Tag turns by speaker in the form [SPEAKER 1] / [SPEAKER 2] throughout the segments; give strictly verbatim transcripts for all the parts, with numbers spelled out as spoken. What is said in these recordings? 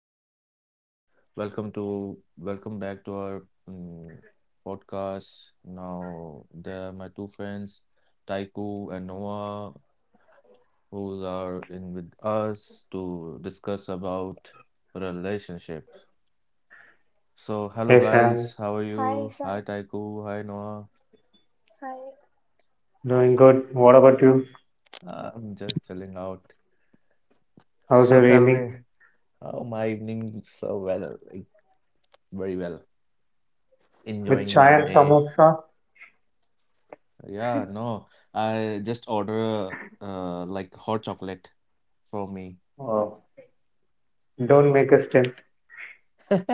[SPEAKER 1] hello. Welcome to welcome back to our um, podcast. Now there are my two friends, Taiku and Noah, who are in with us to discuss about relationship. So hello
[SPEAKER 2] Hey Sam,
[SPEAKER 1] guys, how are
[SPEAKER 3] Hi,
[SPEAKER 1] you? Hi
[SPEAKER 3] Isan.
[SPEAKER 1] Taiku, hi Noah.
[SPEAKER 3] Hi.
[SPEAKER 2] doing good. What about you?
[SPEAKER 1] I'm just chilling out.
[SPEAKER 2] How's
[SPEAKER 1] So
[SPEAKER 2] your
[SPEAKER 1] tell me
[SPEAKER 2] evening?
[SPEAKER 1] how my evening so well, like very well.
[SPEAKER 2] With
[SPEAKER 1] Enjoying
[SPEAKER 2] chai
[SPEAKER 1] my
[SPEAKER 2] and
[SPEAKER 1] day.
[SPEAKER 2] samosa?
[SPEAKER 1] Yeah, no, I just order uh like hot chocolate for me.
[SPEAKER 2] Oh, don't make a stint.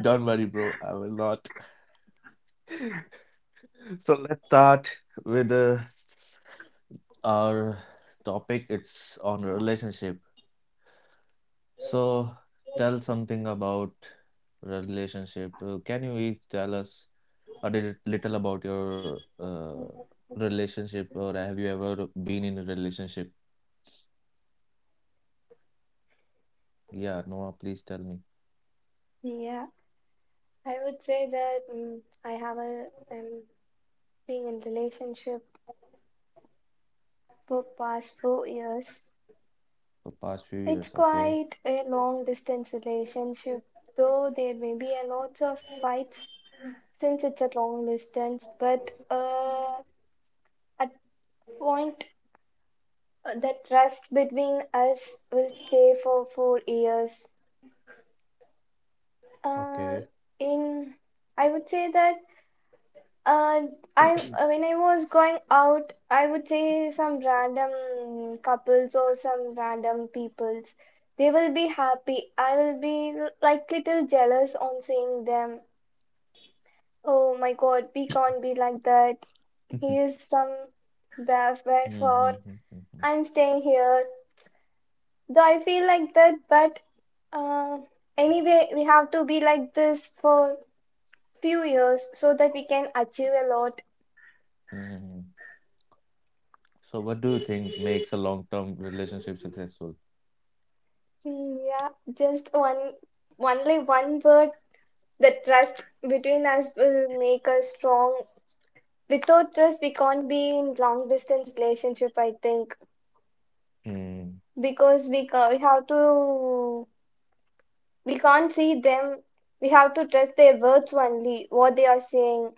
[SPEAKER 1] Don't worry, bro. I will not. So let's start with uh, our topic. It's on relationship. So tell something about relationship. Uh, Can you each tell us a little little about your uh relationship or have you ever been in a relationship? Yeah, Noah, please tell me.
[SPEAKER 3] Yeah. I would say that mm, I have a I'm being in relationship for past four years.
[SPEAKER 1] The past few
[SPEAKER 3] It's
[SPEAKER 1] years, okay.
[SPEAKER 3] quite a long distance relationship, though there may be a lots of fights since it's a long distance. But uh, at point uh, the trust between us will stay for four years. Uh,
[SPEAKER 1] Okay.
[SPEAKER 3] in I would say that Uh, I when I was going out, I would say some random couples or some random peoples. They will be happy. I will be l- like little jealous on seeing them. Oh my God, we can't be like that. He is some bad bad for.
[SPEAKER 1] Mm-hmm. Mm-hmm,
[SPEAKER 3] I'm staying here. Though I feel like that, but uh, anyway, we have to be like this for few years so that we can achieve a lot.
[SPEAKER 1] mm-hmm. So, what do you think makes a long-term relationship successful?
[SPEAKER 3] Yeah, just one, only one word, the trust between us will make us strong. Without trust, we can't be in long distance relationship, I think,
[SPEAKER 1] Mm-hmm.
[SPEAKER 3] because we, ca- we have to, we can't see them. We have to trust their words only, what they are saying.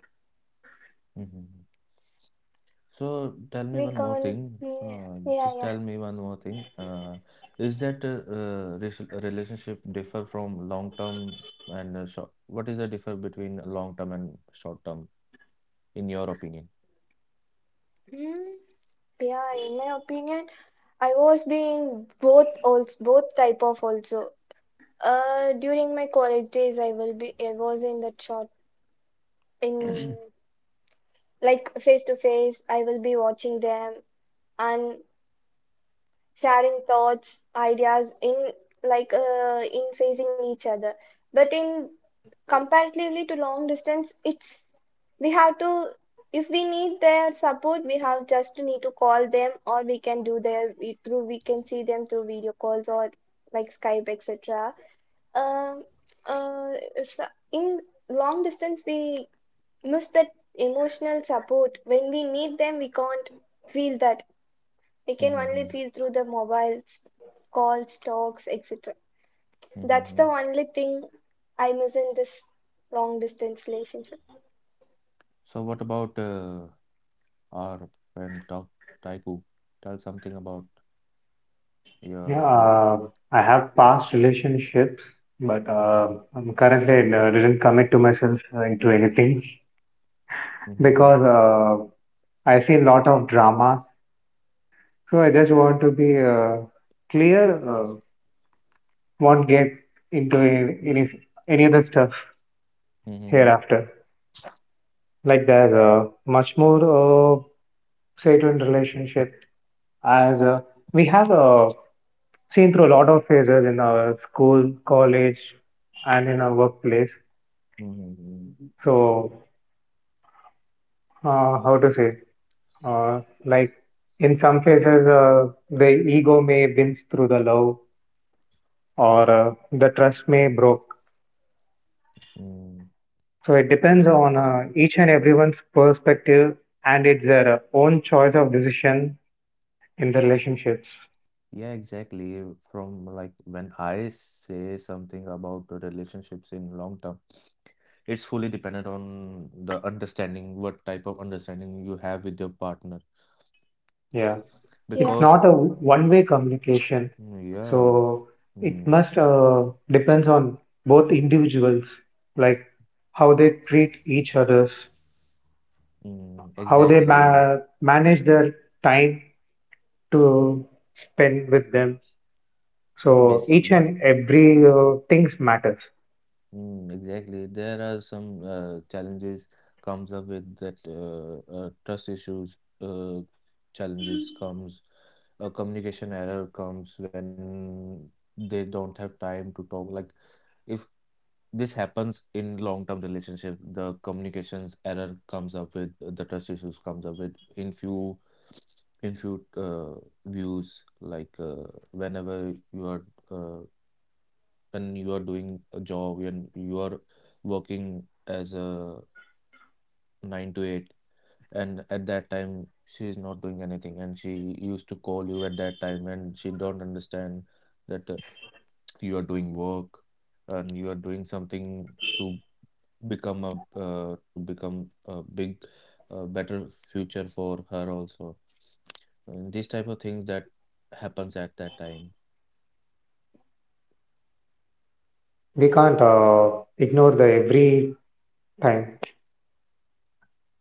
[SPEAKER 1] So, tell me
[SPEAKER 3] We
[SPEAKER 1] one more
[SPEAKER 3] can't,
[SPEAKER 1] thing.
[SPEAKER 3] yeah,
[SPEAKER 1] Uh,
[SPEAKER 3] yeah,
[SPEAKER 1] just
[SPEAKER 3] yeah.
[SPEAKER 1] tell me one more thing. Uh, is that a, uh, rela- a relationship differ from long-term and uh, short? What is the differ between long-term and short-term, in your opinion?
[SPEAKER 3] Hmm. Yeah, in my opinion, I was the both also both type of also. Uh, during my college days, I will be, I was in that short, in like face to face, I will be watching them and sharing thoughts, ideas in like uh, in facing each other. But in comparatively to long distance, it's we have to if we need their support, we have just to need to call them, or we can do their we- through we can see them through video calls or like Skype, et cetera. Um, uh, so in long distance, we miss that emotional support. When we need them, we can't feel that. We can only
[SPEAKER 1] Mm-hmm.
[SPEAKER 3] feel through the mobiles, calls, talks, et cetera. That's
[SPEAKER 1] Mm-hmm.
[SPEAKER 3] the only thing I miss in this long distance relationship.
[SPEAKER 1] So, what about uh, Or when talk Taiku, tell something about
[SPEAKER 2] Yeah,
[SPEAKER 1] your the
[SPEAKER 2] uh, I have past relationships, but uh, I'm currently uh, didn't commit to myself uh, into anything
[SPEAKER 1] hmm
[SPEAKER 2] because uh, I see a lot of dramas. So I just want to be uh, clear, uh, won't get into any, any any other stuff
[SPEAKER 1] hmm
[SPEAKER 2] hereafter. Like there's uh, much more uh, say to in relationship as uh, we have uh, seen through a lot of phases in our school, college, and in our workplace.
[SPEAKER 1] hmm
[SPEAKER 2] So, uh, how to say, uh, like in some phases, uh, the ego may wins through the love, or uh, the trust may broke.
[SPEAKER 1] mm.
[SPEAKER 2] So it depends on uh, each and everyone's perspective, and it's their uh, own choice of decision in the relationships.
[SPEAKER 1] Yeah, exactly. From like when I say something about the relationships in long term, it's fully dependent on the understanding, what type of understanding you have with your partner.
[SPEAKER 2] Yeah.
[SPEAKER 3] Yeah.
[SPEAKER 2] it's not
[SPEAKER 1] Because
[SPEAKER 2] a one-way communication.
[SPEAKER 1] mm, yeah,
[SPEAKER 2] So it
[SPEAKER 1] mm,
[SPEAKER 2] must uh, depends on both individuals, like how they treat each others,
[SPEAKER 1] mm,
[SPEAKER 2] how they
[SPEAKER 1] exactly.
[SPEAKER 2] ma- manage their time to spend with them.
[SPEAKER 1] You know,
[SPEAKER 2] So
[SPEAKER 1] basic.
[SPEAKER 2] each and every uh, things matters.
[SPEAKER 1] Mm, exactly. There are some uh, challenges comes up with that uh, uh, trust issues uh, challenges comes uh, communication error comes when they don't have time to talk. Like if this happens in long-term relationship, the communications error comes up with uh, the trust issues comes up with in few in few uh, views like uh, whenever you are uh, when you are doing a job and you are working as a nine to eight and at that time she is not doing anything and she used to call you at that time and she don't understand that uh, you are doing work and you are doing something to become a uh, to become a big uh, better future for her also and these type of things that happens at that time.
[SPEAKER 2] We can't uh, ignore the every time.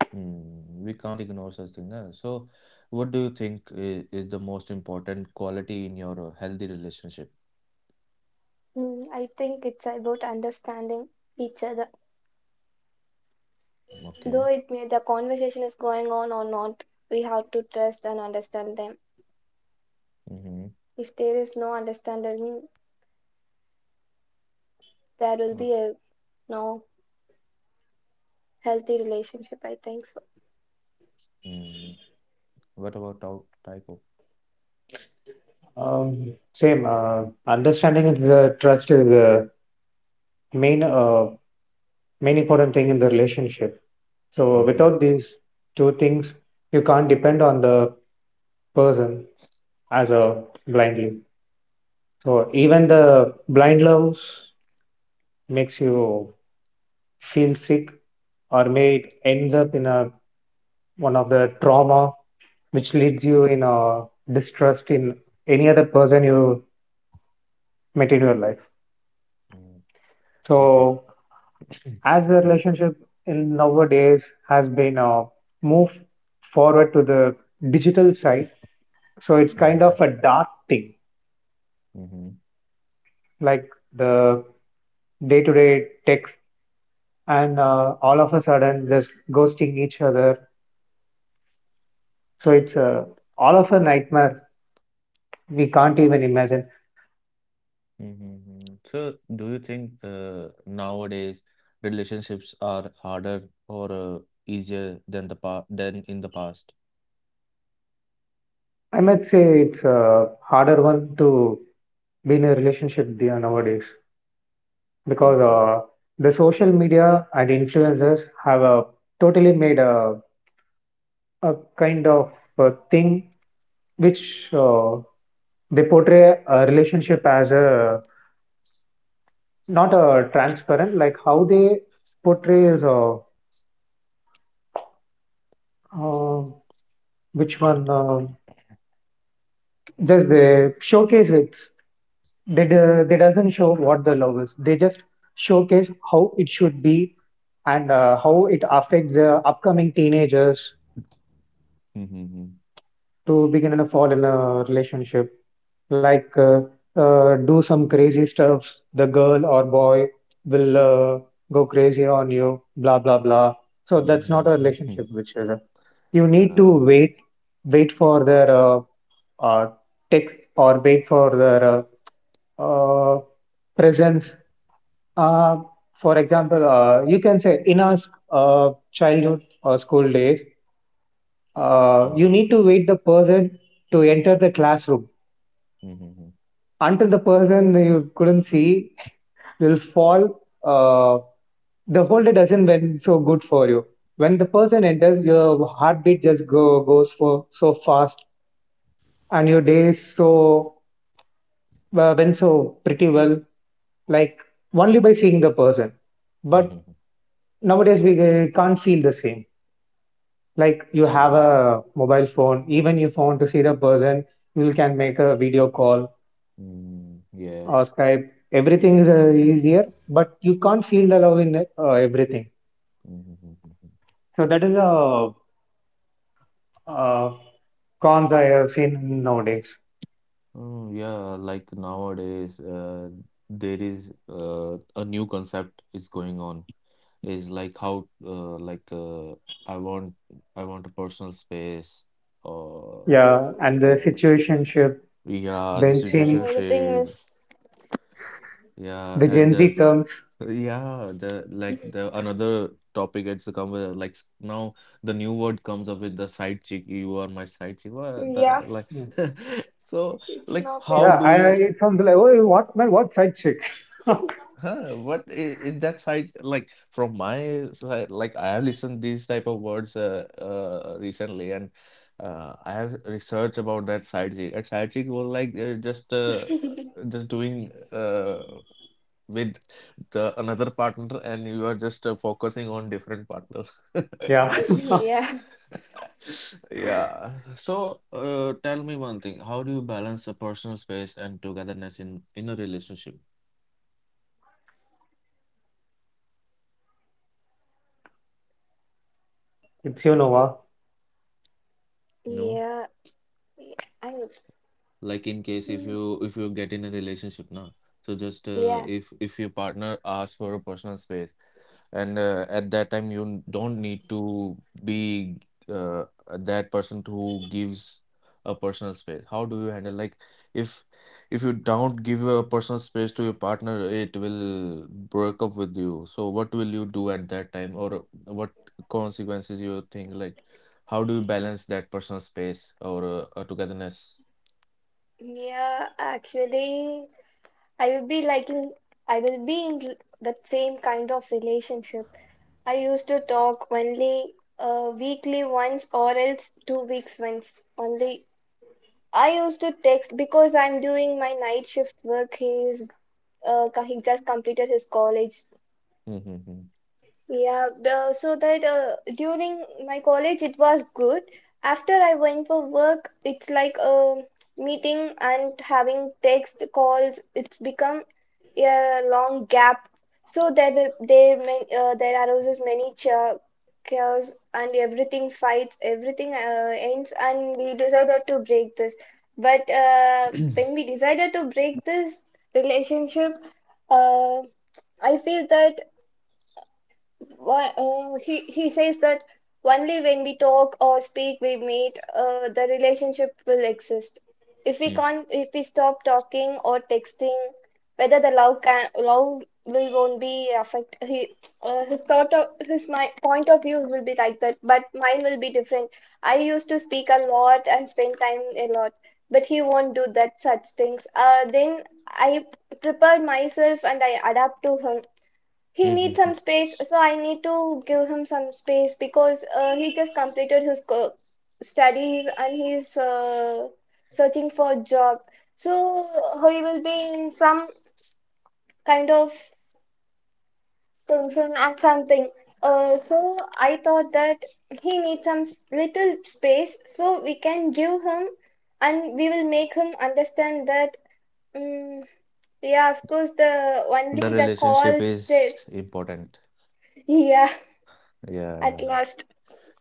[SPEAKER 1] Hmm. We can't ignore such thing. Na. So, what do you think is, is the most important quality in your uh, healthy relationship?
[SPEAKER 3] Mm, I think it's about understanding each other.
[SPEAKER 1] Okay.
[SPEAKER 3] Though it may the conversation is going on or not, we have to trust and understand them.
[SPEAKER 1] Mm-hmm.
[SPEAKER 3] If there is no understanding, there will
[SPEAKER 1] Okay.
[SPEAKER 3] be a no healthy relationship. I think so.
[SPEAKER 1] Mm. What about tau- typo?
[SPEAKER 2] Um, same uh, understanding is the trust is the main uh, main important thing in the relationship. So
[SPEAKER 1] Mm-hmm.
[SPEAKER 2] without these two things, you can't depend on the person as a blind lead. So even the blind loves makes you feel sick or may it ends up in a one of the trauma which leads you in a distrust in any other person you met in your life.
[SPEAKER 1] Mm. Okay.
[SPEAKER 2] So as the
[SPEAKER 1] Hmm.
[SPEAKER 2] relationship in nowadays has been uh, moved forward to the digital side, so it's kind
[SPEAKER 1] Mm-hmm.
[SPEAKER 2] of a dark thing
[SPEAKER 1] Mm-hmm.
[SPEAKER 2] like the day-to-day text and uh, all of a sudden just ghosting each other. So it's uh, all of a nightmare. We can't even imagine.
[SPEAKER 1] Mm-hmm. Mm-hmm. So, do you think uh, nowadays relationships are harder or uh, easier than the pa than in the past?
[SPEAKER 2] I might say it's a harder one to be in a relationship there nowadays because
[SPEAKER 1] Okay.
[SPEAKER 2] uh, the social media and influencers have uh, totally made a, a kind of a thing which uh, they portray a relationship as a not a transparent like how they portrays uh, Uh, which one? Uh, just they showcase it. They do, they doesn't show what the love is. They just showcase how it should be and uh, how it affects the upcoming teenagers
[SPEAKER 1] Mm-hmm.
[SPEAKER 2] to begin and fall in a relationship. Like, uh, uh, do some crazy stuff. The girl or boy will uh, go crazy on you. Blah blah blah. So that's not a
[SPEAKER 1] Mm-hmm.
[SPEAKER 2] relationship, which is. You need to
[SPEAKER 1] Yeah.
[SPEAKER 2] wait wait for their uh, uh, text or wait for their uh, presence. Uh, for example, uh, you can say in our sc- uh, childhood or school days, uh, you
[SPEAKER 1] Mm-hmm.
[SPEAKER 2] need to wait the person to enter the classroom.
[SPEAKER 1] Mm-hmm.
[SPEAKER 2] Until the person you couldn't see will fall, uh, the whole day doesn't went so good for you. When the person enters, your heartbeat just go goes for so fast, and your day is so well, went so pretty well like only by seeing the person. But
[SPEAKER 1] Mhm,
[SPEAKER 2] nowadays we uh, can't feel the same. Like you have
[SPEAKER 1] mhm,
[SPEAKER 2] a mobile phone, even if you want to see the person, you can make a video call
[SPEAKER 1] mm,
[SPEAKER 2] or
[SPEAKER 1] yes.
[SPEAKER 2] Skype. Everything is uh, easier, but you can't feel the love in uh, everything.
[SPEAKER 1] Mhm, mhm, mhm.
[SPEAKER 2] So that is a uh, cons I have seen nowadays.
[SPEAKER 1] Oh, yeah, like nowadays, uh, there is uh, a new concept is going on. Is like how uh, like uh, I want I want a personal space or
[SPEAKER 2] Yeah,
[SPEAKER 1] uh,
[SPEAKER 2] and the
[SPEAKER 1] yeah,
[SPEAKER 2] situationship,
[SPEAKER 1] yeah, the
[SPEAKER 3] And
[SPEAKER 2] benching,
[SPEAKER 1] situation
[SPEAKER 3] everything
[SPEAKER 1] shape,
[SPEAKER 3] is,
[SPEAKER 1] yeah,
[SPEAKER 2] the
[SPEAKER 1] and
[SPEAKER 2] Gen
[SPEAKER 1] uh,
[SPEAKER 2] Z terms.
[SPEAKER 1] yeah, the like the another topic it's come with like s- now the new word comes up with the side chick. You are my side chick. What the
[SPEAKER 3] yeah,
[SPEAKER 1] like?
[SPEAKER 2] Mm.
[SPEAKER 1] So
[SPEAKER 3] it's
[SPEAKER 1] like,
[SPEAKER 3] not
[SPEAKER 1] how
[SPEAKER 2] Yeah,
[SPEAKER 3] family.
[SPEAKER 1] do
[SPEAKER 2] I
[SPEAKER 1] you?
[SPEAKER 2] I- it sounds like, oh, what man, what side chick?
[SPEAKER 1] Huh? What is, is that side like? From my side, like I have listened these type of words uh, uh recently, and uh, I have researched about that side chick. And side chick was like uh, just uh, just doing uh with the another partner and you are just uh, focusing on different partner.
[SPEAKER 2] Yeah.
[SPEAKER 3] Yeah.
[SPEAKER 1] Yeah, so uh, tell me one thing, how do you balance a personal space and togetherness in in a relationship?
[SPEAKER 2] It's you, Nova.
[SPEAKER 1] No.
[SPEAKER 3] Yeah. I would.
[SPEAKER 1] Like in case if
[SPEAKER 3] Hmm,
[SPEAKER 1] you if you get in a relationship now, so just uh,
[SPEAKER 3] yeah.
[SPEAKER 1] if if your partner asks for a personal space and uh, at that time you n- don't need to be uh, that person who gives a personal space, how do you handle, like, if if you don't give a personal space to your partner it will break up with you, so what will you do at that time, or what consequences you think, like how do you balance that personal space or uh, uh, togetherness?
[SPEAKER 3] Yeah. Actually, I will be liking. I will be in that same kind of relationship. I used to talk only uh, weekly once or else two weeks once. Only I used to text because I'm doing my night shift work. He's uh, co- he just completed his college,
[SPEAKER 1] Hmm, hmm, hmm.
[SPEAKER 3] yeah, the- so that uh, during my college it was good. After I went for work, it's like a meeting and having text calls. It's become a long gap. So there were there many uh, there arises many cha- chaos and everything fights everything uh, ends, and we decided to break this. But uh, when we decided to break this relationship, uh, I feel that why, uh, he, he says that only when we talk or speak, we meet, uh, the relationship will exist. If we
[SPEAKER 1] Mm,
[SPEAKER 3] can't, if we stop talking or texting, whether the love can love will won't be affect. He, uh, his thought of his my point of view will be like that, but mine will be different. I used to speak a lot and spend time a lot, but he won't do that such things. Uh, then I prepared myself and I adapt to him. He needs
[SPEAKER 1] mm,
[SPEAKER 3] some
[SPEAKER 1] mm,
[SPEAKER 3] space, so I need to give him some space because uh, he just completed his co studies, and he's uh, searching for a job. So uh, he will be in some kind of tension and something. Uh, so I thought that he needs some s- little space, so we can give him, and we will make him understand that. Mm, yeah, of course, the
[SPEAKER 1] mm.
[SPEAKER 3] only
[SPEAKER 1] The
[SPEAKER 3] the
[SPEAKER 1] relationship
[SPEAKER 3] calls, the
[SPEAKER 1] is important.
[SPEAKER 3] yeah, at
[SPEAKER 1] Yeah.
[SPEAKER 3] last.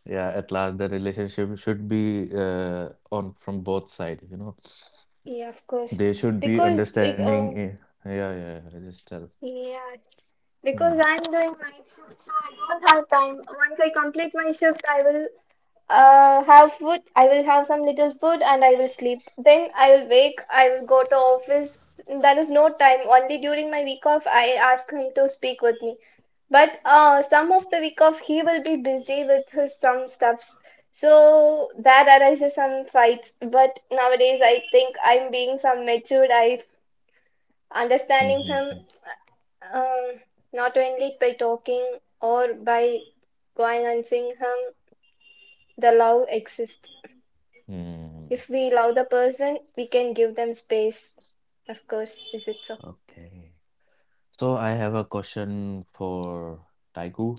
[SPEAKER 1] Yeah, at last the relationship should be uh, on from both sides, you know.
[SPEAKER 3] Yeah, of course.
[SPEAKER 1] They should be
[SPEAKER 3] Because, be-
[SPEAKER 1] understanding.
[SPEAKER 3] uh,
[SPEAKER 1] eh, Yeah, yeah, yeah, just tell.
[SPEAKER 3] yeah,
[SPEAKER 1] Hmm,
[SPEAKER 3] because I'm doing night shift, so I don't have time. Once I complete my shift, I will uh, have food. I will have some little food and I will sleep. Then I will wake. I will go to office. There is no time. Only during my week off, I ask him to speak with me. But uh, some of the week off, he will be busy with his some stuffs. So that arises some fights. But nowadays, I think I'm being some matured. I
[SPEAKER 1] hmm, hmm,
[SPEAKER 3] understanding
[SPEAKER 1] hmm.
[SPEAKER 3] him um, not only by talking or by going and seeing him, the love exists
[SPEAKER 1] Hmm.
[SPEAKER 3] if we love the person we can give them space, of course, is it so.
[SPEAKER 1] Okay. So I have a question for Taiku,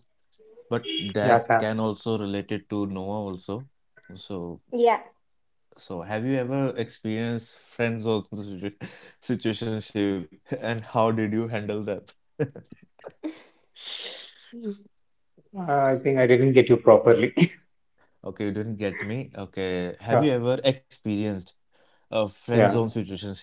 [SPEAKER 1] but
[SPEAKER 2] Yeah,
[SPEAKER 1] that
[SPEAKER 2] Sam.
[SPEAKER 1] can also relate it to Noah also. So,
[SPEAKER 3] Yeah.
[SPEAKER 1] So, have you ever experienced friends zone situ- situationship, and how did you handle them?
[SPEAKER 2] Uh, I think I didn't get you properly.
[SPEAKER 1] Okay, you didn't get me. Okay, have
[SPEAKER 2] Uh,
[SPEAKER 1] you ever experienced a friend zone
[SPEAKER 2] yeah.
[SPEAKER 1] situationship?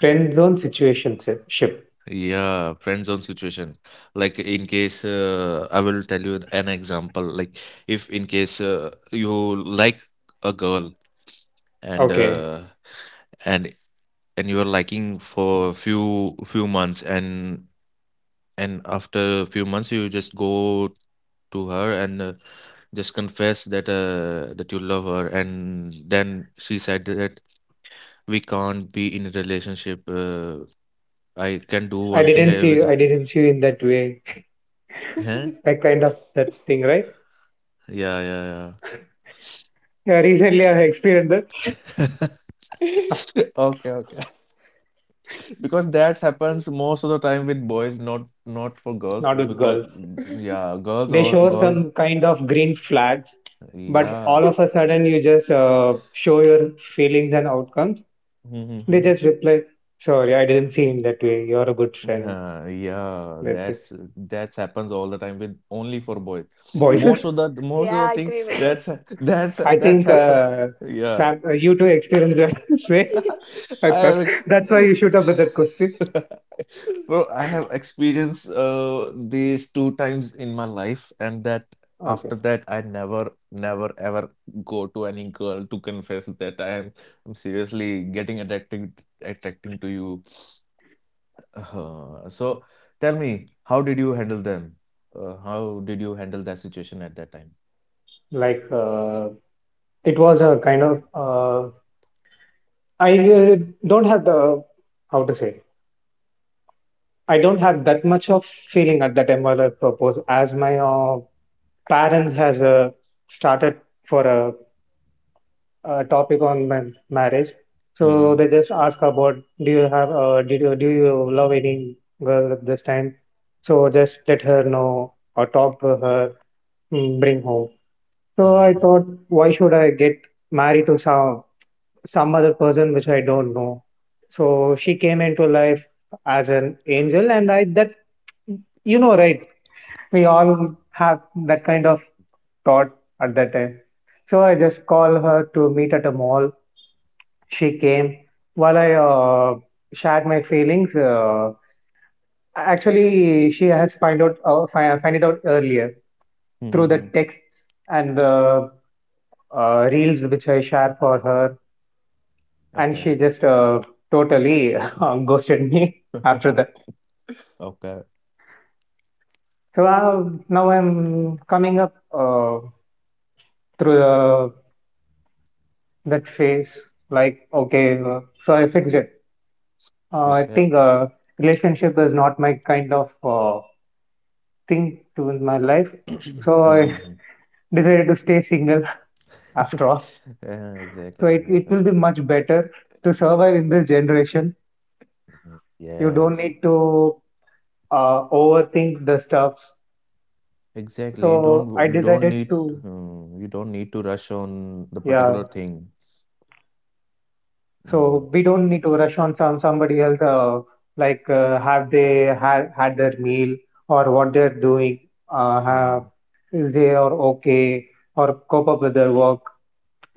[SPEAKER 2] Friend zone situation si- ship.
[SPEAKER 1] Yeah, friend zone situation. Like in case uh, I will tell you an example. Like if in case uh, you like a girl and
[SPEAKER 2] Okay.
[SPEAKER 1] uh, and and you are liking for few few months, and And after a few months, you just go to her and uh, just confess that uh, that you love her. And then she said that we can't be in a relationship. Uh, I can do
[SPEAKER 2] I
[SPEAKER 1] one thing.
[SPEAKER 2] didn't
[SPEAKER 1] I
[SPEAKER 2] see
[SPEAKER 1] would,
[SPEAKER 2] you. I didn't see you in that way.
[SPEAKER 1] huh?
[SPEAKER 2] That kind of that thing, right?
[SPEAKER 1] Yeah, yeah, yeah.
[SPEAKER 2] Yeah, recently I experienced that.
[SPEAKER 1] Okay, okay. Because that happens most of the time with boys, not not for girls.
[SPEAKER 2] Not with
[SPEAKER 1] Because
[SPEAKER 2] girls.
[SPEAKER 1] mm, yeah, girls
[SPEAKER 2] They
[SPEAKER 1] or
[SPEAKER 2] show
[SPEAKER 1] girls,
[SPEAKER 2] some kind of green flags, but
[SPEAKER 1] yeah.
[SPEAKER 2] all of a sudden you just uh, show your feelings and outcomes. They just reply, sorry, I didn't see in that way. You're a good friend.
[SPEAKER 1] Uh, yeah,
[SPEAKER 2] That's it.
[SPEAKER 1] that's that's happens all the time with only for boys.
[SPEAKER 2] Boys.
[SPEAKER 1] Most of the most of
[SPEAKER 3] yeah,
[SPEAKER 1] the
[SPEAKER 3] I
[SPEAKER 1] thing
[SPEAKER 3] agree with
[SPEAKER 1] that's
[SPEAKER 3] this.
[SPEAKER 1] that's
[SPEAKER 2] I
[SPEAKER 1] that's
[SPEAKER 2] think
[SPEAKER 1] happened.
[SPEAKER 2] uh,
[SPEAKER 1] Yeah,
[SPEAKER 2] Sam, uh, you too experienced that way. I
[SPEAKER 1] I
[SPEAKER 2] thought
[SPEAKER 1] have ex
[SPEAKER 2] that's why you shoot up with that question.
[SPEAKER 1] bro, I have experienced uh these two times in my life, and that
[SPEAKER 2] Okay,
[SPEAKER 1] after that I never never ever go to any girl to confess that I am I'm seriously getting attracted attracting to you, uh so tell me, how did you handle them? Uh, how did you handle that situation at that time?
[SPEAKER 2] like uh, it was a kind of uh, I uh, don't have the how to say I don't have that much of feeling at that time while I propose as my uh, parents has uh, started for a uh, topic on man- marriage. So
[SPEAKER 1] Mm-hmm.
[SPEAKER 2] they just ask about do you have uh, did you do you love any girl at this time? So just let her know or talk to her, mm, bring home. So I
[SPEAKER 1] Mm-hmm.
[SPEAKER 2] thought, why should I get married to some some other person which I don't know? So she came into life as an angel, and I that you know right, we all have that kind of thought at that time. So I just call her to meet at a mall. She came while I uh, shared my feelings. Uh, actually, she has find out uh, fi- find it out earlier through the
[SPEAKER 1] Mm-hmm.
[SPEAKER 2] texts and the uh, reels which I share for her, and she
[SPEAKER 1] Okay.
[SPEAKER 2] just uh, totally ghosted me after that.
[SPEAKER 1] Okay.
[SPEAKER 2] So uh, now I'm coming up uh, through the, that phase. Like okay, uh, so I fixed it. Uh, I
[SPEAKER 1] Okay.
[SPEAKER 2] think uh, relationship is not my kind of uh, thing to in my life. So I
[SPEAKER 1] Mm-hmm.
[SPEAKER 2] decided to stay single after all.
[SPEAKER 1] Yeah,
[SPEAKER 2] So
[SPEAKER 1] exactly,
[SPEAKER 2] it, it will
[SPEAKER 1] exactly.
[SPEAKER 2] be much better to survive in this generation.
[SPEAKER 1] Mhm.
[SPEAKER 2] You don't
[SPEAKER 1] Yes.
[SPEAKER 2] need to uh, overthink the stuff.
[SPEAKER 1] Exactly. You don't
[SPEAKER 2] So I
[SPEAKER 1] w- you don't
[SPEAKER 2] decided
[SPEAKER 1] need
[SPEAKER 2] to,
[SPEAKER 1] um, you don't need to rush on the
[SPEAKER 2] yeah.
[SPEAKER 1] particular thing. Mm,
[SPEAKER 2] So we don't need to rush on some somebody else, uh, like uh, have they had had their meal or what they're doing, uh, have,
[SPEAKER 1] mm,
[SPEAKER 2] is they are okay or cope up with their work.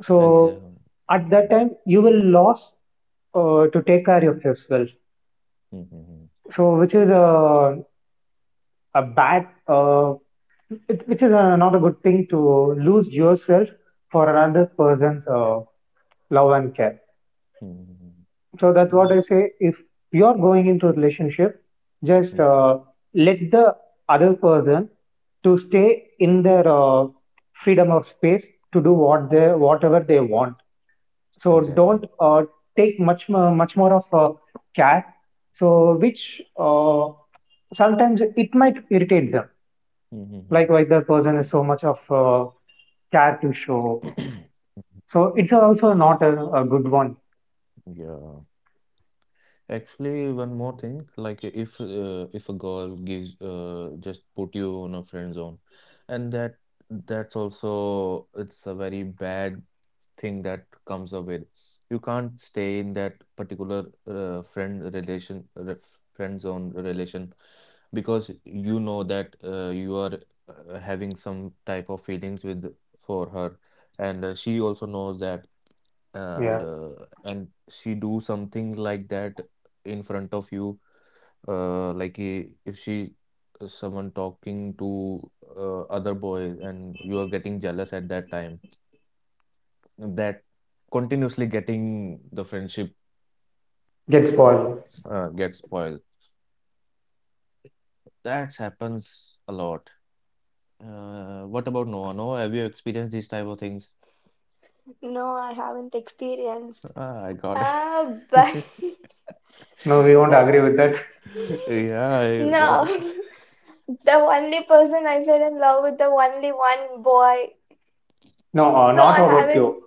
[SPEAKER 2] So
[SPEAKER 1] exactly.
[SPEAKER 2] at that
[SPEAKER 1] Mm,
[SPEAKER 2] time you will lose uh, to take care of yourself.
[SPEAKER 1] mm, mm,
[SPEAKER 2] So, which is a, a bad, uh, it, which is uh not a good thing to lose yourself for another person's uh, love and care.
[SPEAKER 1] mm, mm,
[SPEAKER 2] So that's what
[SPEAKER 1] mm,
[SPEAKER 2] I say. If you're going into a relationship, just
[SPEAKER 1] mm,
[SPEAKER 2] uh, let the other person to stay in their uh, freedom of space to do what they whatever they want, so don't
[SPEAKER 1] exactly.
[SPEAKER 2] uh, take much more, much more of uh, care, so which uh, sometimes it might irritate them,
[SPEAKER 1] Mm-hmm.
[SPEAKER 2] likewise the person is so much of uh, care to show, so it's also not a, a good one.
[SPEAKER 1] Yeah. Actually, one more thing, like if uh, if a girl gives uh, just put you on a friend zone, and that that's also it's a very bad thing that comes up with. You can't stay in that particular uh, friend relation re friend zone relation because you know that uh, you are uh, having some type of feelings with for her, and uh, she also knows that,
[SPEAKER 2] Yeah,
[SPEAKER 1] and uh, and she do something like that in front of you, uh, like i- if she, uh, someone talking to uh, other boys and you are getting jealous at that time, that continuously getting the friendship
[SPEAKER 2] get spoiled.
[SPEAKER 1] uh, gets spoiled, that happens a lot. uh, what about Noah, Noah have you experienced these type of things?
[SPEAKER 3] No, I haven't experienced.
[SPEAKER 1] Ah, I got
[SPEAKER 3] Ah, but
[SPEAKER 1] it.
[SPEAKER 2] No, we won't
[SPEAKER 3] but
[SPEAKER 2] agree with that.
[SPEAKER 1] Yeah, I,
[SPEAKER 3] no.
[SPEAKER 1] that.
[SPEAKER 3] the only person I fell in love with the only one boy,
[SPEAKER 2] No, uh,
[SPEAKER 3] so
[SPEAKER 2] not
[SPEAKER 3] I
[SPEAKER 2] about you.
[SPEAKER 3] haven't.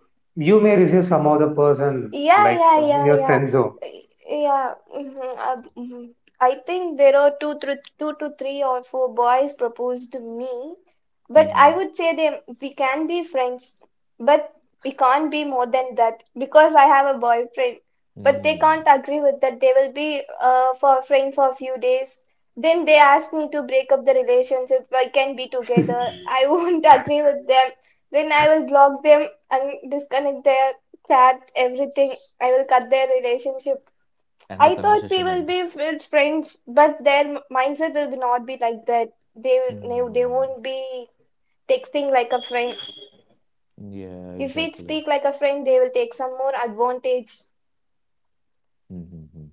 [SPEAKER 2] You may receive some other person
[SPEAKER 3] Yeah,
[SPEAKER 2] like
[SPEAKER 3] yeah,
[SPEAKER 2] uh, in
[SPEAKER 3] yeah,
[SPEAKER 2] your
[SPEAKER 3] yeah.
[SPEAKER 2] friend zone,
[SPEAKER 3] Y- yeah. Mhm, uh, mhm. I think there are two, thr two to three or four boys proposed to me, but I
[SPEAKER 1] Mhm.
[SPEAKER 3] would say they we can be friends, but we can't be more than that because I have a boyfriend. But they
[SPEAKER 1] Mm.
[SPEAKER 3] can't agree with that. They will be uh, for friends for a few days, then they ask me to break up the relationship, we can be together. I won't agree with them, then I will block them and disconnect their chat everything. I will cut their relationship.
[SPEAKER 1] And the
[SPEAKER 3] I thought we
[SPEAKER 1] conversation
[SPEAKER 3] will
[SPEAKER 1] end.
[SPEAKER 3] be with friends, but their mindset will be not be like that. They will they
[SPEAKER 1] Mm.
[SPEAKER 3] won't be texting like a friend.
[SPEAKER 1] Yeah,
[SPEAKER 3] If we
[SPEAKER 1] exactly.
[SPEAKER 3] speak like a friend, they will take some more advantage.
[SPEAKER 1] Mm-hmm.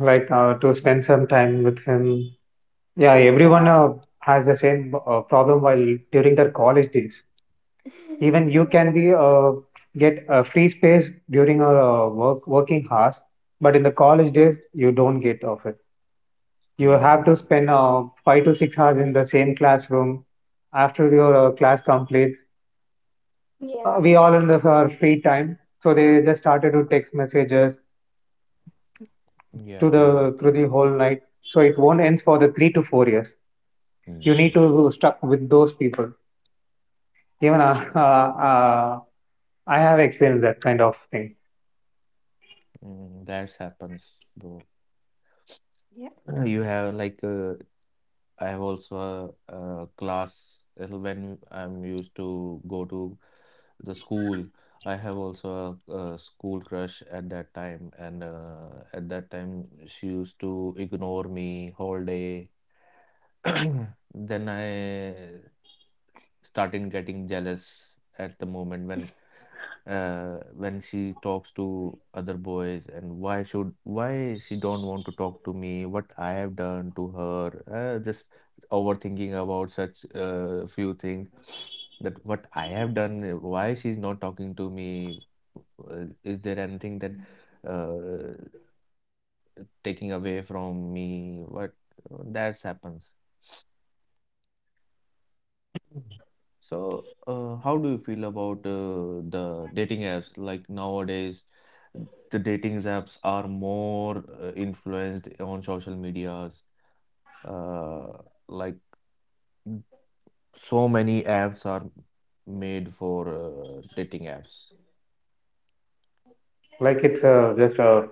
[SPEAKER 2] like uh, to spend some time with him. Yeah, everyone uh, has the same uh, problem while during their college days. Even you
[SPEAKER 3] Yeah.
[SPEAKER 2] can be uh, get a free space during our uh, work working hours, but in the college days you don't get of it. You have to
[SPEAKER 1] Mm.
[SPEAKER 2] spend uh, five to six hours in the same classroom. After your uh, class completes,
[SPEAKER 3] Yeah,
[SPEAKER 2] uh, we all in the our free time, so they just started to text messages to
[SPEAKER 1] Yeah,
[SPEAKER 2] the through
[SPEAKER 1] exactly.
[SPEAKER 2] the whole night. So it won't end for the three to four years. You need
[SPEAKER 1] Mm.
[SPEAKER 2] to stuck with those people. Even uh, uh, uh, I have experienced that kind of thing.
[SPEAKER 1] Mm. That happens though. You have like, uh, I have also a, a class, uh, when I'm used to go to the school. I have also a, a school crush at that time, and uh, at that time she used to ignore me whole day. Then I started getting jealous at the moment when uh, when she talks to other boys, and why should why she don't want to talk to me, what I have done to her, uh, just overthinking about such uh, few things, that what I have done, uh, why she's not talking to me, uh, is there anything that, uh, taking away from me, what uh, that's happens. Mhm. So, uh, how do you feel about uh, the dating apps? Like nowadays, the dating apps are more uh, influenced on social medias. Uh, like so many apps are made for uh, dating apps.
[SPEAKER 2] Like it's uh, just a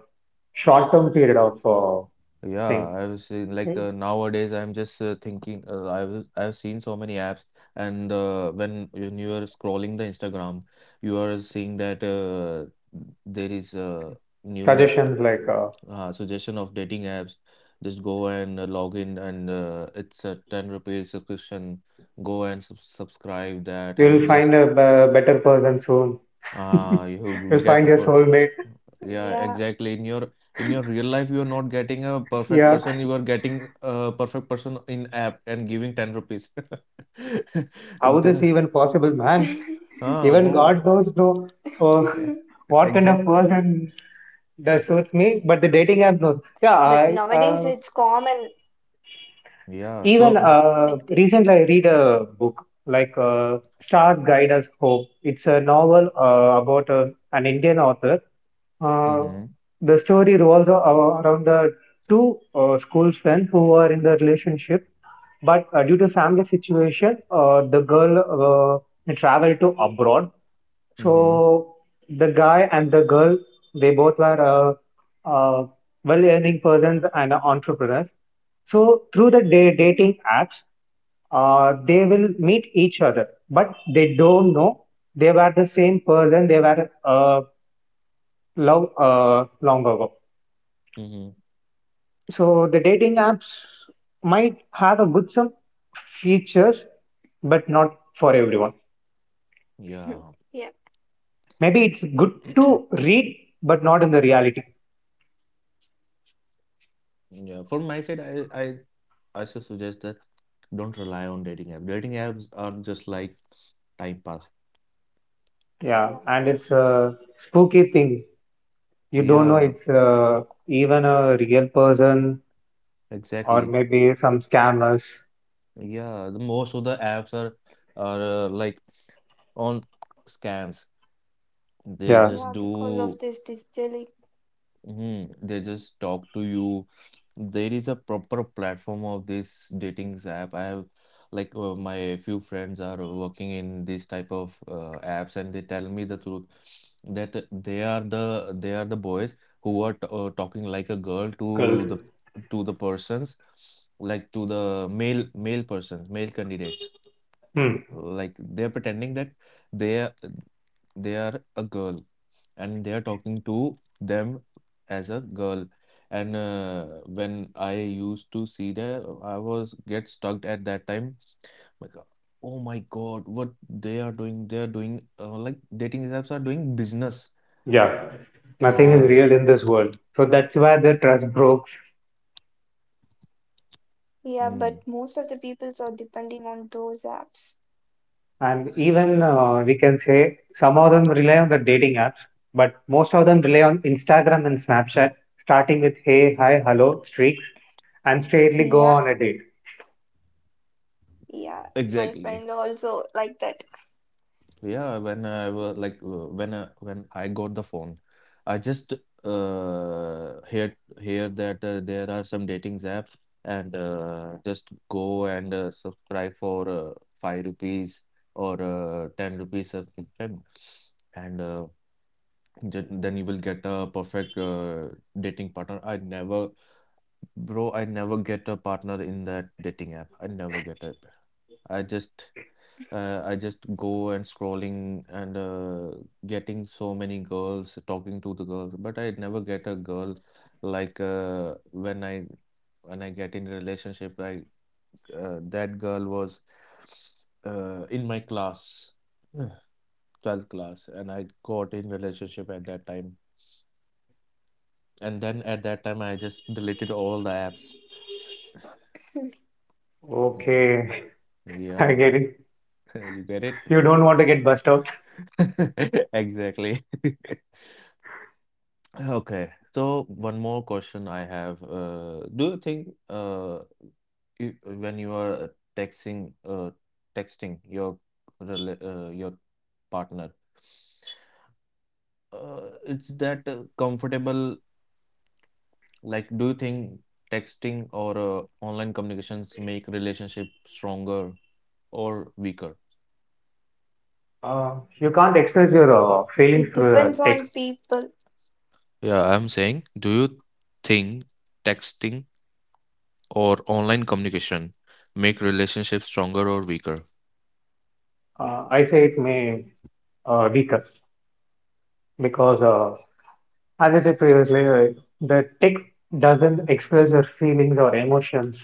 [SPEAKER 2] short-term period of uh,
[SPEAKER 1] Yeah,
[SPEAKER 2] thing.
[SPEAKER 1] I was saying like, uh, nowadays I'm just uh, thinking, uh, I've I've seen so many apps, and uh, when when you are scrolling the Instagram, you are seeing that uh, there is a new
[SPEAKER 2] Suggestions like uh,
[SPEAKER 1] uh, suggestion of dating apps. Just go and uh, log in, and uh, it's a 10 rupees subscription. Go and sub subscribe that,
[SPEAKER 2] you'll
[SPEAKER 1] and
[SPEAKER 2] find a
[SPEAKER 1] just
[SPEAKER 2] b- better person soon.
[SPEAKER 1] uh, you
[SPEAKER 2] You'll
[SPEAKER 1] get
[SPEAKER 2] find
[SPEAKER 1] a
[SPEAKER 2] your
[SPEAKER 1] per
[SPEAKER 2] soulmate.
[SPEAKER 3] yeah.
[SPEAKER 1] yeah, exactly. In your in your real life, you are not getting a perfect
[SPEAKER 2] Yeah,
[SPEAKER 1] person. You are getting a perfect person in app and giving 10 rupees.
[SPEAKER 2] how this
[SPEAKER 1] The,
[SPEAKER 2] even possible, man?
[SPEAKER 1] ah,
[SPEAKER 2] Even God
[SPEAKER 1] whoa.
[SPEAKER 2] knows no. Oh, what kind of
[SPEAKER 1] Exactly.
[SPEAKER 2] person that suits me? But the dating app knows. Yeah,
[SPEAKER 3] But
[SPEAKER 2] I
[SPEAKER 3] nowadays it's
[SPEAKER 2] uh,
[SPEAKER 3] common,
[SPEAKER 1] Yeah. So,
[SPEAKER 2] even
[SPEAKER 1] uh,
[SPEAKER 3] I
[SPEAKER 2] uh,
[SPEAKER 3] think.
[SPEAKER 2] recently I read a book like uh, Stars Guide Us Hope. It's a novel uh, about a, an Indian author. Uh,
[SPEAKER 1] mm-hmm,
[SPEAKER 2] the story revolves a- a- around the two uh, school friends who are in the relationship, but uh, due to family situation, uh, the girl uh, they to abroad.
[SPEAKER 1] mm-hmm,
[SPEAKER 2] So the guy and the girl, they both were uh, uh, well-earning persons and entrepreneurs. So through the da-
[SPEAKER 3] Mm.
[SPEAKER 2] dating apps, uh, they will meet each other, but they don't know they were the same person. They were uh, love uh, long ago.
[SPEAKER 1] mm-hmm.
[SPEAKER 2] So the dating apps might have a good some features, but not for everyone.
[SPEAKER 1] Yeah.
[SPEAKER 3] Yeah,
[SPEAKER 2] Maybe it's good to read, but not in the reality.
[SPEAKER 1] Yeah, from my side, I I I should suggest that don't rely on dating apps. Dating apps are just like time pass.
[SPEAKER 3] yeah,
[SPEAKER 2] Yeah, and it's
[SPEAKER 3] because
[SPEAKER 2] a spooky thing. You don't know
[SPEAKER 1] Yeah,
[SPEAKER 2] it's uh, even a real person or
[SPEAKER 1] exactly.
[SPEAKER 2] maybe some scammers.
[SPEAKER 1] Yeah, the most of the apps are are uh, like on scams. They
[SPEAKER 2] Yeah,
[SPEAKER 3] yeah,
[SPEAKER 1] just
[SPEAKER 3] because of
[SPEAKER 1] do.
[SPEAKER 3] this digital.
[SPEAKER 1] Mhm. They just talk to you. There is a proper platform of this dating app. I have, like, uh, my few friends are working in this type of uh, apps, and they tell me the truth that they are the they are the boys who are t uh, talking like a girl to
[SPEAKER 2] girl.
[SPEAKER 1] the, to the persons like to the male male person male candidates.
[SPEAKER 2] Hmm.
[SPEAKER 1] Like they're pretending that they are they are a girl and they are talking to them as a girl. And uh, when I used to see that, I was get stuck at that time. Like, oh my God, what they are doing? They are doing, uh, like dating apps are doing business.
[SPEAKER 2] Yeah, nothing
[SPEAKER 3] Yeah,
[SPEAKER 2] is
[SPEAKER 1] Yeah.
[SPEAKER 2] real in this world. So that's why the trust broke.
[SPEAKER 3] yeah,
[SPEAKER 1] Mm.
[SPEAKER 3] but most of the peoples are depending on those apps.
[SPEAKER 2] And even
[SPEAKER 3] Mm.
[SPEAKER 2] uh, we can say some of them rely on the dating apps, but most of them rely on Instagram and Snapchat, starting with hey, hi, hello, streaks, and straightly go
[SPEAKER 3] Yeah,
[SPEAKER 2] on a date.
[SPEAKER 3] yeah. My
[SPEAKER 1] Exactly.
[SPEAKER 3] friend also like that.
[SPEAKER 1] Yeah, when I was like uh, when I, when I got the phone, I just uh heard hear that uh, there are some dating apps and uh, just go and uh, subscribe for uh, five rupees or uh, ten rupees subscription, and uh, ju- then you will get a perfect uh, dating partner. I never, bro, I never get a partner in that dating app. I never get it. I just uh, I just go and scrolling and uh, getting so many girls, talking to the girls, but I never get a girl, like, uh, when I when I get in a relationship, I uh, that girl was uh, in my class, twelfth class, and I got in relationship at that time. And then at that time, I just deleted all the apps. Mm.
[SPEAKER 2] Okay, I
[SPEAKER 1] Yeah,
[SPEAKER 2] get it.
[SPEAKER 1] you get it?
[SPEAKER 2] You don't want to get bust out.
[SPEAKER 1] Exactly. Okay, so one more question I have. Uh, do you think, uh, you, when you are, uh, texting, uh, texting your rela- uh, your partner, uh, it's that uh, comfortable? Like, do you think texting or uh, online communications make relationship stronger or weaker?
[SPEAKER 2] Uh, you can't express your uh,
[SPEAKER 3] It
[SPEAKER 2] feelings through
[SPEAKER 3] depends
[SPEAKER 2] uh,
[SPEAKER 3] on
[SPEAKER 2] text.
[SPEAKER 3] people.
[SPEAKER 1] Yeah, I'm saying, do you think texting or online communication make relationships stronger or weaker?
[SPEAKER 2] Uh, I say it may uh, weaker because, uh, as I said previously, uh, the text doesn't express your feelings or emotions.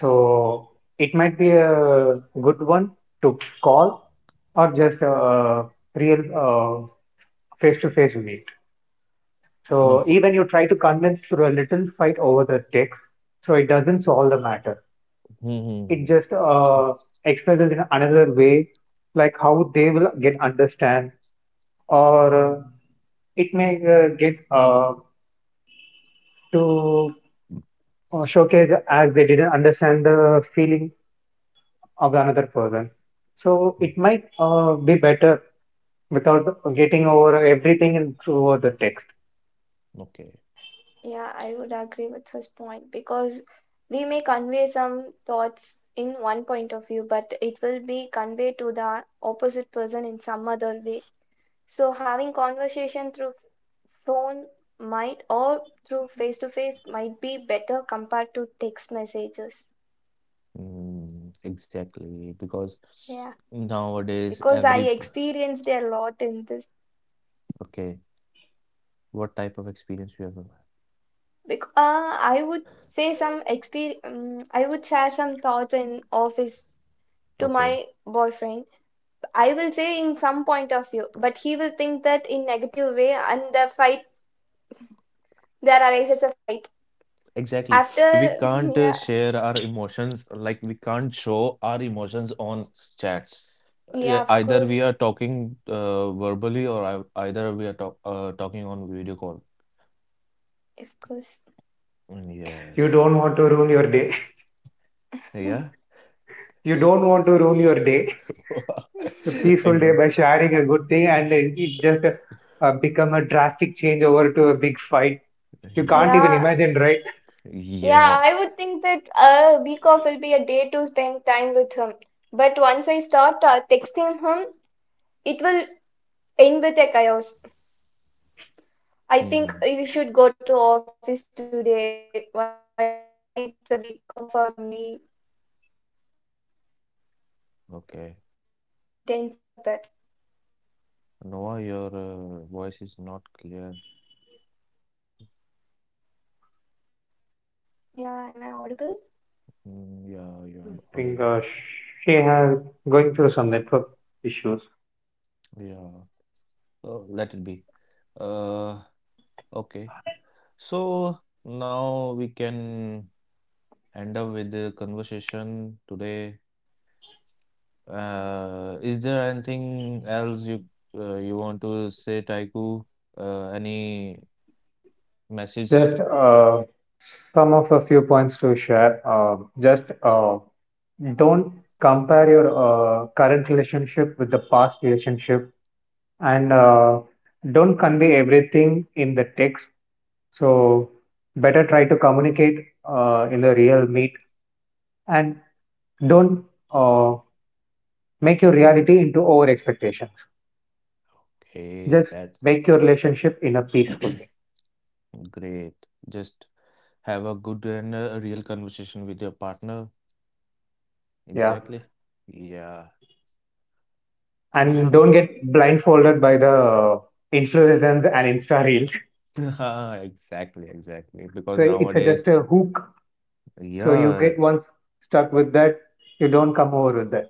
[SPEAKER 2] So it might be a good one to call or just a, a real uh, face-to-face meet.
[SPEAKER 1] No.
[SPEAKER 2] So even you try to convince through a little fight over the text, so it doesn't solve the matter.
[SPEAKER 1] Hmm, hmm,
[SPEAKER 2] It
[SPEAKER 1] hmm,
[SPEAKER 2] just uh, expresses in another way, like how they will get understand, or uh, it may uh, get uh, to uh, showcase as they didn't understand the feeling of the another person. So it
[SPEAKER 1] hmm.
[SPEAKER 2] might uh, be better without getting over everything in through the text.
[SPEAKER 1] Okay.
[SPEAKER 3] Yeah, I would agree with his point because we may convey some thoughts in one point of view, but it will be conveyed to the opposite person in some other way. So having conversation through phone might or through face to face might be better compared to text messages.
[SPEAKER 1] Mm, exactly. Because
[SPEAKER 3] Yeah,
[SPEAKER 1] nowadays,
[SPEAKER 3] because I
[SPEAKER 1] every p-
[SPEAKER 3] experienced a lot in this.
[SPEAKER 1] okay, what type of experience you have?
[SPEAKER 3] Because uh, I would say some exper um, I would share some thoughts in office to
[SPEAKER 1] Okay,
[SPEAKER 3] my boyfriend. I will say in some point of view, but he will think that in negative way, and the fight there arises a fight.
[SPEAKER 1] exactly. We
[SPEAKER 3] After
[SPEAKER 1] can't uh,
[SPEAKER 3] yeah,
[SPEAKER 1] share our emotions, like we can't show our emotions on chats. Yeah,
[SPEAKER 3] yeah, of
[SPEAKER 1] either we
[SPEAKER 3] course,
[SPEAKER 1] are talking uh, verbally, or I, either we are talk, uh, talking on video call.
[SPEAKER 3] of course.
[SPEAKER 1] Mm.
[SPEAKER 2] You
[SPEAKER 1] Yes.
[SPEAKER 2] don't want to ruin your day.
[SPEAKER 1] Yeah.
[SPEAKER 2] You don't want to ruin your day, a peaceful day,
[SPEAKER 1] Exit.
[SPEAKER 2] by sharing a good thing, and it just uh, become a drastic change over to a big fight. You can't even
[SPEAKER 3] Yeah.
[SPEAKER 2] imagine, right?
[SPEAKER 3] Yeah,
[SPEAKER 1] Yeah.
[SPEAKER 3] I would think that a week off will be a day to spend time with him. But once I start uh, texting him, it will end with a chaos. I think
[SPEAKER 1] Hmm.
[SPEAKER 3] we should go to office today. Why it's a week off for me? It ends like that.
[SPEAKER 1] Okay. Noah, your uh, voice is not clear.
[SPEAKER 3] Yeah, am I audible?
[SPEAKER 1] Mm, yeah,
[SPEAKER 2] I
[SPEAKER 1] you're
[SPEAKER 2] think
[SPEAKER 1] audible.
[SPEAKER 2] uh, she has going through some network issues.
[SPEAKER 1] Yeah, oh, let it be. Uh, okay. So now we can end up with the conversation today. Uh, is there anything else you uh, you want to say, Taiku? Uh, any message?
[SPEAKER 2] Just uh, some of a few points to share. Uh, just uh, don't compare your uh, current relationship with the past relationship, and uh, don't convey everything in the text. So better try to communicate uh, in the real meet, and don't uh, make your reality into over expectations.
[SPEAKER 1] Okay,
[SPEAKER 2] Just
[SPEAKER 1] that's
[SPEAKER 2] make your relationship in a peaceful way.
[SPEAKER 1] great. Just have a good and a real conversation with your partner.
[SPEAKER 2] Yeah.
[SPEAKER 1] Exactly. Yeah.
[SPEAKER 2] And
[SPEAKER 1] So
[SPEAKER 2] don't get blindfolded by the influencers and Insta reels.
[SPEAKER 1] exactly, exactly.
[SPEAKER 2] So
[SPEAKER 1] Because
[SPEAKER 2] it's a, just
[SPEAKER 1] nowadays,
[SPEAKER 2] a hook. So you get
[SPEAKER 1] yeah,
[SPEAKER 2] once stuck with that, you don't come over with that.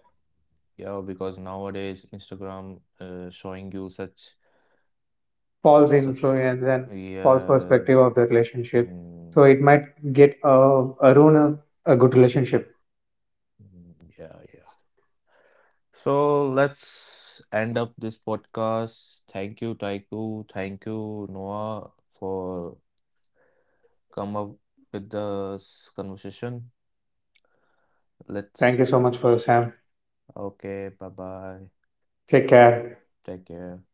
[SPEAKER 1] yeah. Because nowadays, Instagram uh, showing you such,
[SPEAKER 2] False
[SPEAKER 1] su
[SPEAKER 2] influence and false
[SPEAKER 1] yeah,
[SPEAKER 2] perspective of the relationship.
[SPEAKER 1] mm,
[SPEAKER 2] So it might get uh, uh, ruin a, a good relationship.
[SPEAKER 1] mm, yeah, yeah. So let's end up this podcast. Thank you, Taiku. Thank you, Noah, for come up with this conversation. Let's.
[SPEAKER 2] Thank you so much for Sam.
[SPEAKER 1] Okay. Bye bye.
[SPEAKER 2] Take care.
[SPEAKER 1] Take care.